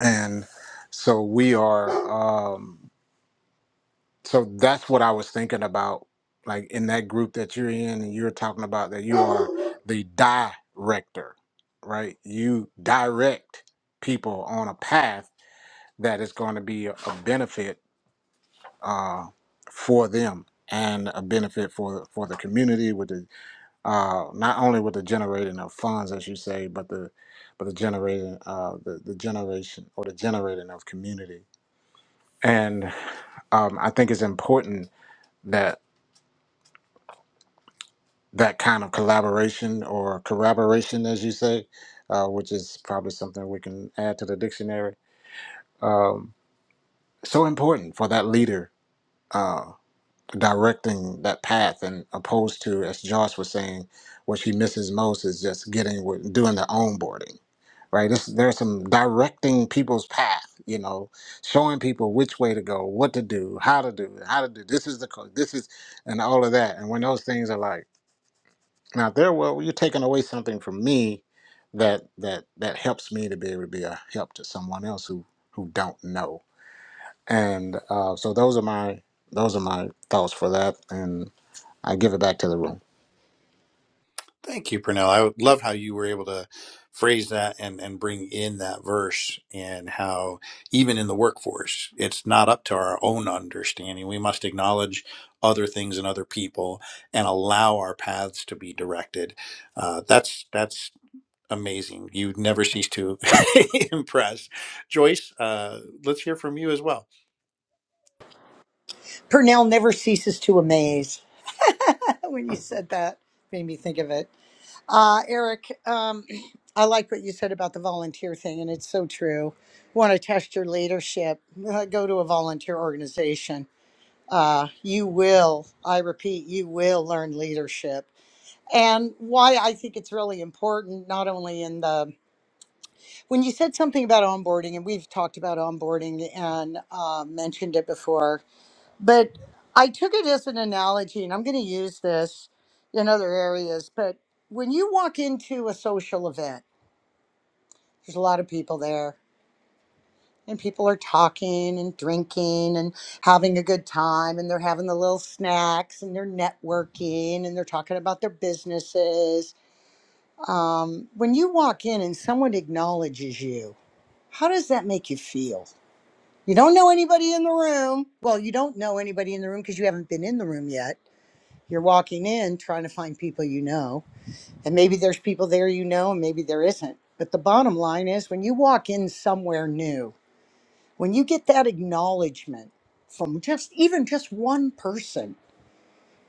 Speaker 2: And so we are. Um, So that's what I was thinking about, like in that group that you're in, and you're talking about that you are the director, right? You direct people on a path that is going to be a a benefit uh, for them and a benefit for for the community with the uh, not only with the generating of funds, as you say, but the but the generating uh, the the generation or the generating of community. And um, I think it's important that. that kind of collaboration or corroboration, as you say, uh, which is probably something we can add to the dictionary. Um, so important for that leader uh, directing that path, and opposed to, as Josh was saying, what she misses most is just getting with doing the onboarding. Right, this, there's some directing people's path, you know, showing people which way to go, what to do, how to do, how to do. This is the code. This is, and all of that. And when those things are like Now there, well, you're taking away something from me that that that helps me to be able to be a help to someone else who who don't know. And uh, so those are my those are my thoughts for that, and I give it back to the room.
Speaker 1: Thank you, Pernell. I love how you were able to phrase that and, and bring in that verse and how even in the workforce, it's not up to our own understanding. We must acknowledge other things and other people and allow our paths to be directed. Uh, that's that's amazing. You never cease to impress. Joyce, uh, let's hear from you as well.
Speaker 3: Purnell never ceases to amaze. when you said that made me think of it uh, eric um, i like what you said about the volunteer thing and it's so true want to test your leadership uh, go to a volunteer organization uh, you will i repeat you will learn leadership and why i think it's really important not only in the when you said something about onboarding and we've talked about onboarding and uh, mentioned it before but I took it as an analogy, and I'm going to use this in other areas. But when you walk into a social event, there's a lot of people there, and people are talking and drinking and having a good time, and they're having the little snacks and they're networking and they're talking about their businesses. Um, when you walk in and someone acknowledges you, how does that make you feel? You don't know anybody in the room. Well, you don't know anybody in the room because you haven't been in the room yet You're walking in trying to find people you know, and maybe there's people there you know, and maybe there isn't. But the bottom line is when you walk in somewhere new, when you get that acknowledgement from just even just one person,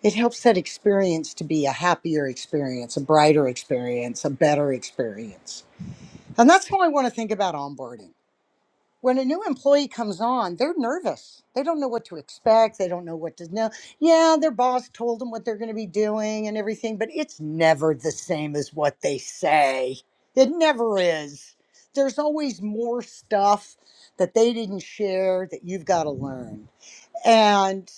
Speaker 3: it helps that experience to be a happier experience, a brighter experience, a better experience. And that's how I want to think about onboarding when a new employee comes on, they're nervous. They don't know what to expect. They don't know what to know. Yeah, their boss told them what they're going to be doing and everything, but it's never the same as what they say. It never is. There's always more stuff that they didn't share that you've got to learn. and.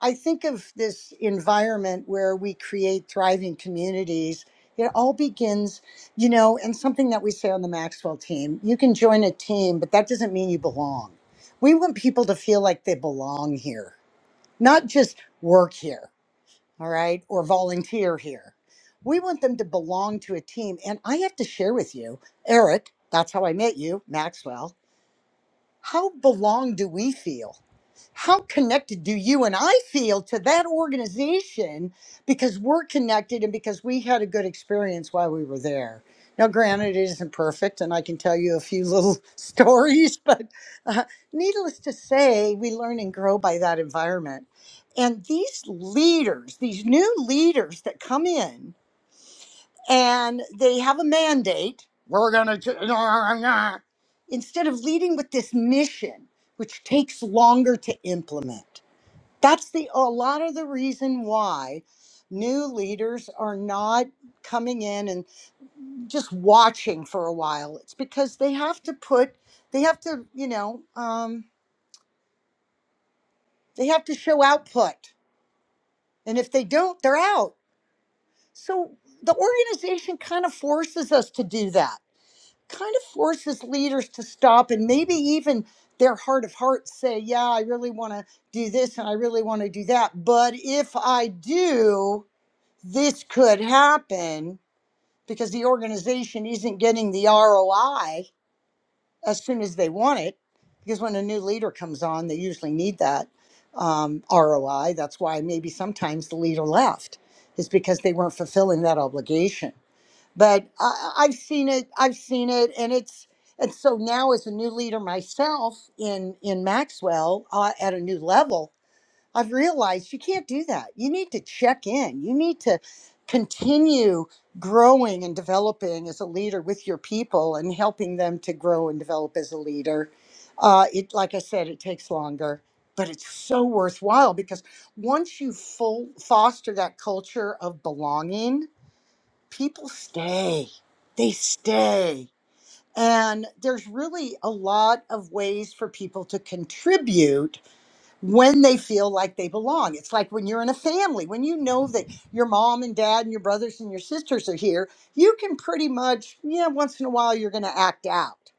Speaker 3: I think of this environment where we create thriving communities. It all begins, you know, and something that we say on the Maxwell team you can join a team, but that doesn't mean you belong. We want people to feel like they belong here, not just work here, all right, or volunteer here. We want them to belong to a team. And I have to share with you, Eric, that's how I met you, Maxwell. How belong do we feel? how connected do you and I feel to that organization because we're connected and because we had a good experience while we were there? Now, granted, it isn't perfect, and I can tell you a few little stories, but uh, needless to say, we learn and grow by that environment. And these leaders, these new leaders that come in and they have a mandate, we're going to, instead of leading with this mission, which takes longer to implement. That's the a lot of the reason why new leaders are not coming in and just watching for a while. It's because they have to put, they have to, you know, um, they have to show output, and if they don't, they're out. So the organization kind of forces us to do that. Kind of forces leaders to stop and maybe even their heart of hearts say, "Yeah, I really want to do this and I really want to do that, but if I do." this could happen because the organization isn't getting the ROI as soon as they want it. Because when a new leader comes on, they usually need that um, ROI. That's why maybe sometimes the leader left, is because they weren't fulfilling that obligation. But I, I- have seen it. I've seen it, and it's and so now as a new leader myself in in Maxwell uh, at a new level, I've realized you can't do that. You need to check in. You need to continue growing and developing as a leader with your people and helping them to grow and develop as a leader. Uh, it, like I said, it takes longer, but it's so worthwhile because once you full, foster that culture of belonging, people stay. They stay. And there's really a lot of ways for people to contribute when they feel like they belong. It's like when you're in a family, when you know that your mom and dad and your brothers and your sisters are here, you can pretty much, yeah, once in a while you're going to act out.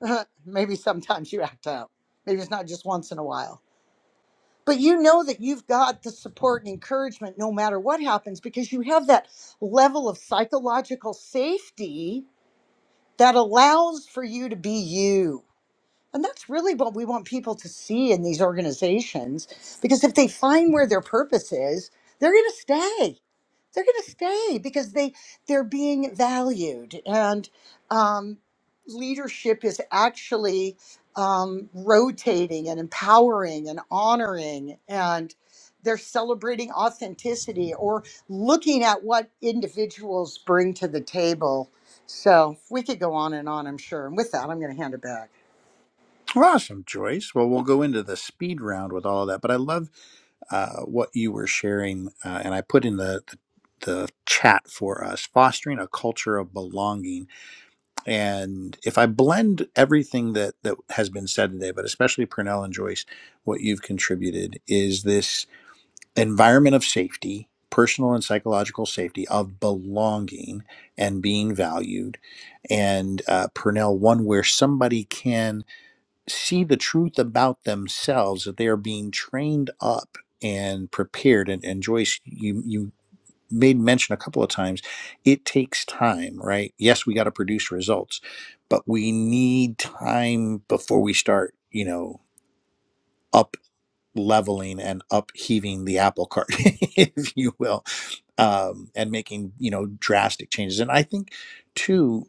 Speaker 3: Maybe sometimes you act out. Maybe it's not just once in a while. But you know that you've got the support and encouragement no matter what happens because you have that level of psychological safety that allows for you to be you. And that's really what we want people to see in these organizations because if they find where their purpose is, they're going to stay. They're going to stay because they they're being valued and um, leadership is actually um, rotating and empowering and honoring and they're celebrating authenticity or looking at what individuals bring to the table. So we could go on and on, I'm sure. And with that, I'm going to hand it back.
Speaker 1: Awesome, Joyce. Well, we'll go into the speed round with all of that, but I love uh, what you were sharing, uh, and I put in the, the the chat for us fostering a culture of belonging. And if I blend everything that that has been said today, but especially Pernell and Joyce, what you've contributed is this environment of safety, personal and psychological safety of belonging and being valued, and uh, Purnell one where somebody can see the truth about themselves that they are being trained up and prepared and, and joyce you you made mention a couple of times it takes time right yes we got to produce results but we need time before we start you know up leveling and upheaving the apple cart if you will um, and making you know drastic changes and i think too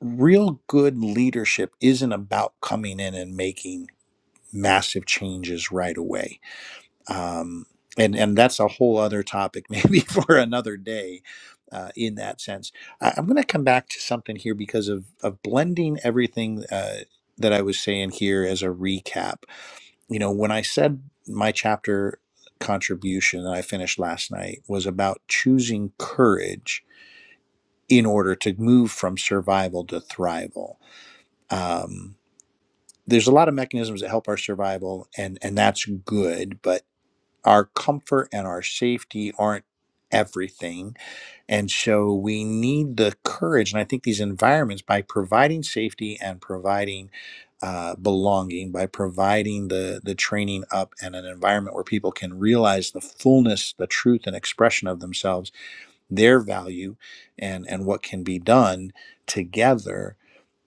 Speaker 1: real good leadership isn't about coming in and making massive changes right away. Um, and and that's a whole other topic, maybe for another day. Uh, in that sense, I, I'm going to come back to something here because of of blending everything uh, that I was saying here as a recap. You know, when I said my chapter contribution that I finished last night was about choosing courage in order to move from survival to thrival. Um, there's a lot of mechanisms that help our survival, and and that's good, but our comfort and our safety aren't everything. And so we need the courage. And I think these environments, by providing safety and providing uh, belonging, by providing the, the training up and an environment where people can realize the fullness, the truth, and expression of themselves, their value, and, and what can be done together,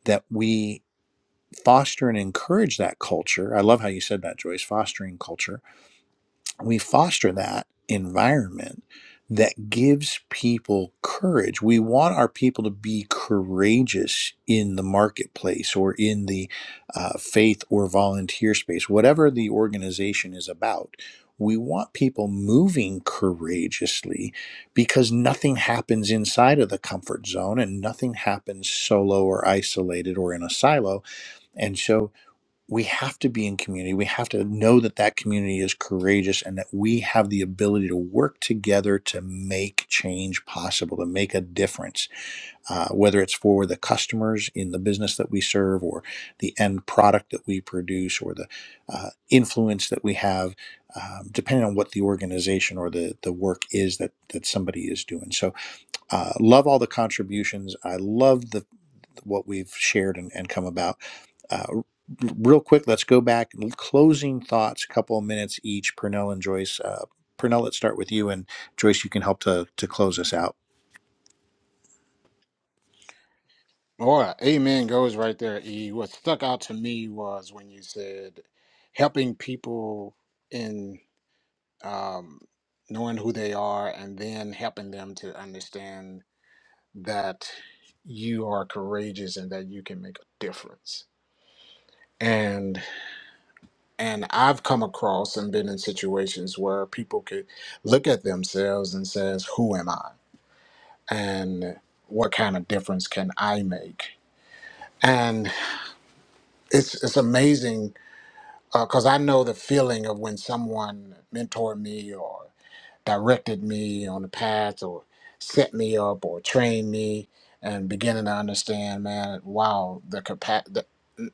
Speaker 1: that we foster and encourage that culture. I love how you said that, Joyce, fostering culture we foster that environment that gives people courage. We want our people to be courageous in the marketplace or in the uh, faith or volunteer space, whatever the organization is about. We want people moving courageously because nothing happens inside of the comfort zone and nothing happens solo or isolated or in a silo. And so we have to be in community. We have to know that that community is courageous and that we have the ability to work together to make change possible, to make a difference, uh, whether it's for the customers in the business that we serve or the end product that we produce or the uh, influence that we have, um, depending on what the organization or the, the work is that, that somebody is doing. So uh, love all the contributions. I love the, what we've shared and, and come about uh, real quick, let's go back. Closing thoughts, a couple of minutes each. Pernell and Joyce. Uh, Purnell, let's start with you, and Joyce, you can help to to close us out.
Speaker 2: Boy, amen goes right there. E. What stuck out to me was when you said helping people in um, knowing who they are, and then helping them to understand that you are courageous and that you can make a difference and and i've come across and been in situations where people could look at themselves and says who am i and what kind of difference can i make and it's it's amazing because i know the feeling of when someone mentored me or directed me on the path or set me up or trained me and beginning to understand man wow the capacity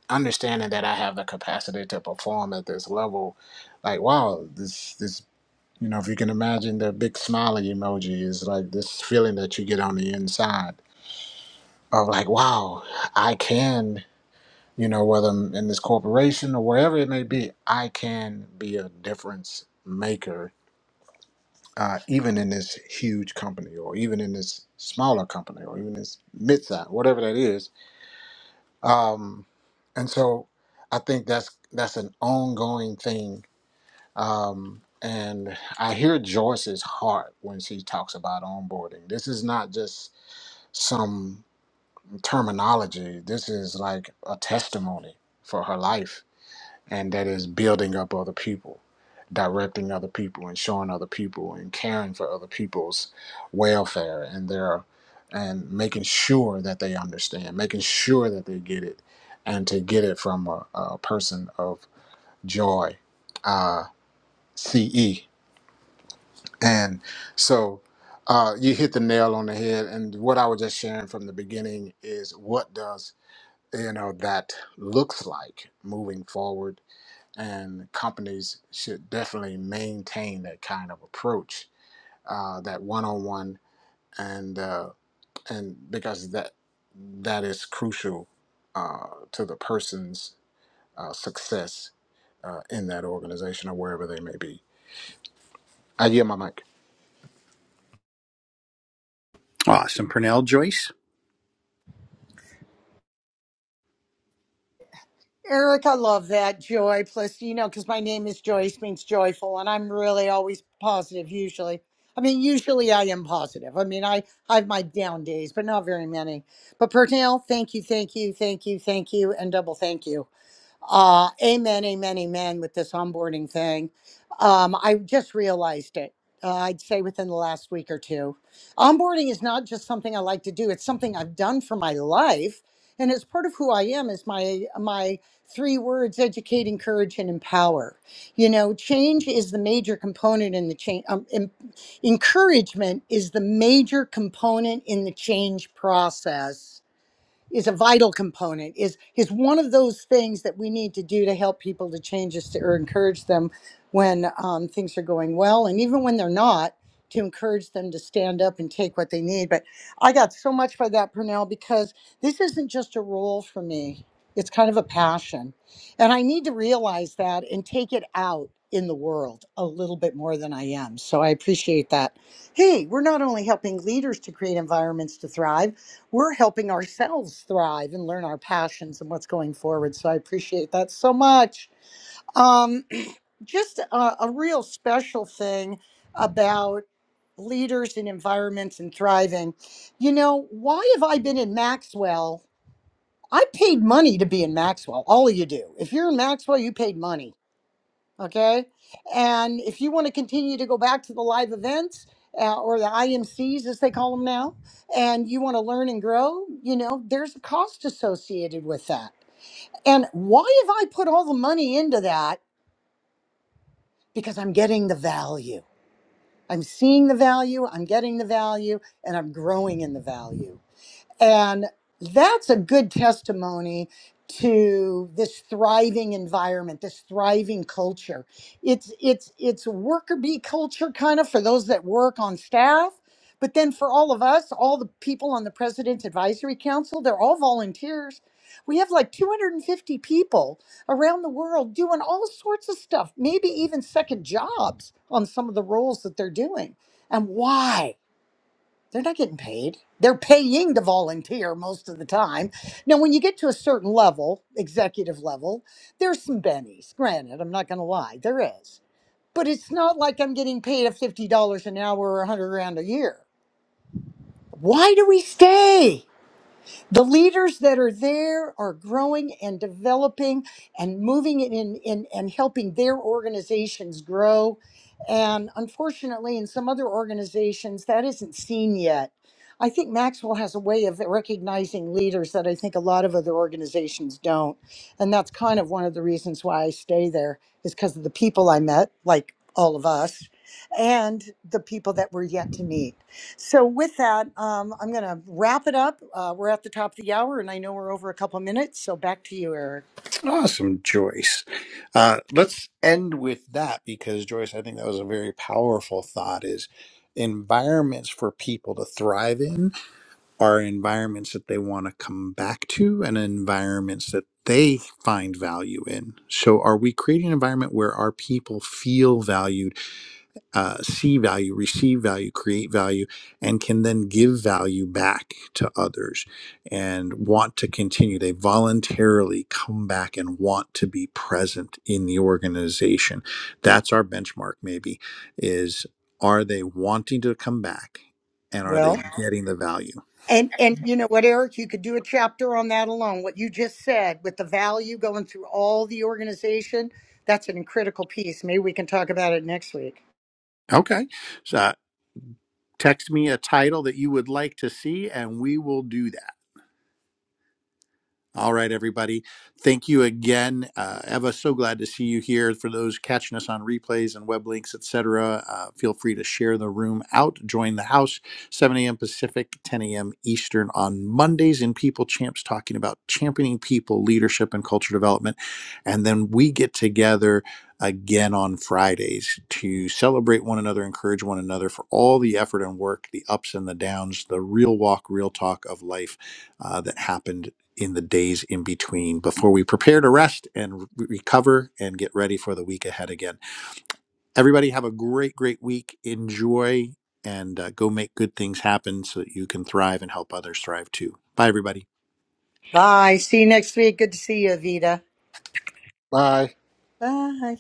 Speaker 2: understanding that I have the capacity to perform at this level, like wow, this this you know, if you can imagine the big smiley emoji is like this feeling that you get on the inside of like wow, I can, you know, whether I'm in this corporation or wherever it may be, I can be a difference maker. Uh, even in this huge company, or even in this smaller company, or even this midsize whatever that is, um, and so I think that's that's an ongoing thing Um, and I hear Joyce's heart when she talks about onboarding. This is not just some terminology, this is like a testimony for her life, and that is building up other people, directing other people, and showing other people, and caring for other people's welfare and their and making sure that they understand, making sure that they get it, and to get it from a, a person of joy, uh, CE. And so uh, you hit the nail on the head. And what I was just sharing from the beginning is what does you know that looks like moving forward. And companies should definitely maintain that kind of approach, uh, that one-on-one, and uh, and because that that is crucial uh, to the person's uh, success uh, in that organization or wherever they may be. I yield my mic.
Speaker 1: Awesome, Pernell. Joyce.
Speaker 3: Eric, I love that joy. Plus, you know, because my name is Joyce means joyful, and I'm really always positive. Usually, I mean, usually I am positive. I mean, I I have my down days, but not very many. But Pernell, thank you, thank you, thank you, thank you, and double thank you. Uh, amen, amen, amen with this onboarding thing. Um, I just realized it. Uh, I'd say within the last week or two. Onboarding is not just something I like to do, it's something I've done for my life. And it's part of who I am is my my three words educate, encourage, and empower. You know, change is the major component in the change. Um, em- encouragement is the major component in the change process is a vital component is is one of those things that we need to do to help people to change us to, or encourage them when um, things are going well and even when they're not to encourage them to stand up and take what they need but i got so much by that purnell because this isn't just a role for me it's kind of a passion and i need to realize that and take it out in the world a little bit more than i am so i appreciate that hey we're not only helping leaders to create environments to thrive we're helping ourselves thrive and learn our passions and what's going forward. So I appreciate that so much. Um, just a, a real special thing about leaders and environments and thriving. You know, why have I been in Maxwell? I paid money to be in Maxwell. All of you do. If you're in Maxwell, you paid money Okay. And if you want to continue to go back to the live events uh, or the IMCs, as they call them now, and you want to learn and grow, you know, there's a cost associated with that. And why have I put all the money into that? Because I'm getting the value. I'm seeing the value, I'm getting the value, and I'm growing in the value. And that's a good testimony to this thriving environment, this thriving culture. It's it's it's a worker bee culture kind of for those that work on staff, but then for all of us, all the people on the president's advisory council, they're all volunteers. We have like 250 people around the world doing all sorts of stuff, maybe even second jobs on some of the roles that they're doing. And why? They're not getting paid. They're paying to volunteer most of the time. Now, when you get to a certain level, executive level, there's some bennies. Granted, I'm not going to lie, there is. But it's not like I'm getting paid a $50 an hour or a 100 grand a year. Why do we stay? The leaders that are there are growing and developing and moving it in, in and helping their organizations grow. And unfortunately, in some other organizations, that isn't seen yet. I think Maxwell has a way of recognizing leaders that I think a lot of other organizations don't. And that's kind of one of the reasons why I stay there, is because of the people I met, like all of us, and the people that we're yet to meet. So with that, um, I'm going to wrap it up. Uh, we're at the top of the hour, and I know we're over a couple minutes. So back to you, Eric.
Speaker 1: Awesome, Joyce. Uh, let's end with that because Joyce, I think that was a very powerful thought. Is environments for people to thrive in are environments that they want to come back to and environments that they find value in. So, are we creating an environment where our people feel valued, uh, see value, receive value, create value, and can then give value back to others and want to continue? They voluntarily come back and want to be present in the organization. That's our benchmark, maybe, is are they wanting to come back and are they
Speaker 3: Well,
Speaker 1: getting the value?
Speaker 3: and and you know what, Eric, you could do a chapter on that alone. What you just said with the value going through all the organization, that's an critical piece. Maybe we can talk about it next week.
Speaker 1: Okay. So uh, text me a title that you would like to see, and we will do that. All right, everybody. Thank you again, uh, Eva. So glad to see you here. For those catching us on replays and web links, etc., uh, feel free to share the room out. Join the house, 7 a.m. Pacific, 10 a.m. Eastern on Mondays in People Champs, talking about championing people, leadership, and culture development. And then we get together again on Fridays to celebrate one another, encourage one another for all the effort and work, the ups and the downs, the real walk, real talk of life uh, that happened in the days in between before we prepare to rest and re- recover and get ready for the week ahead again. Everybody, have a great, great week. Enjoy and uh, go make good things happen so that you can thrive and help others thrive too. Bye, everybody.
Speaker 3: Bye. See you next week. Good to see you, Avita.
Speaker 2: Bye.
Speaker 3: Bye.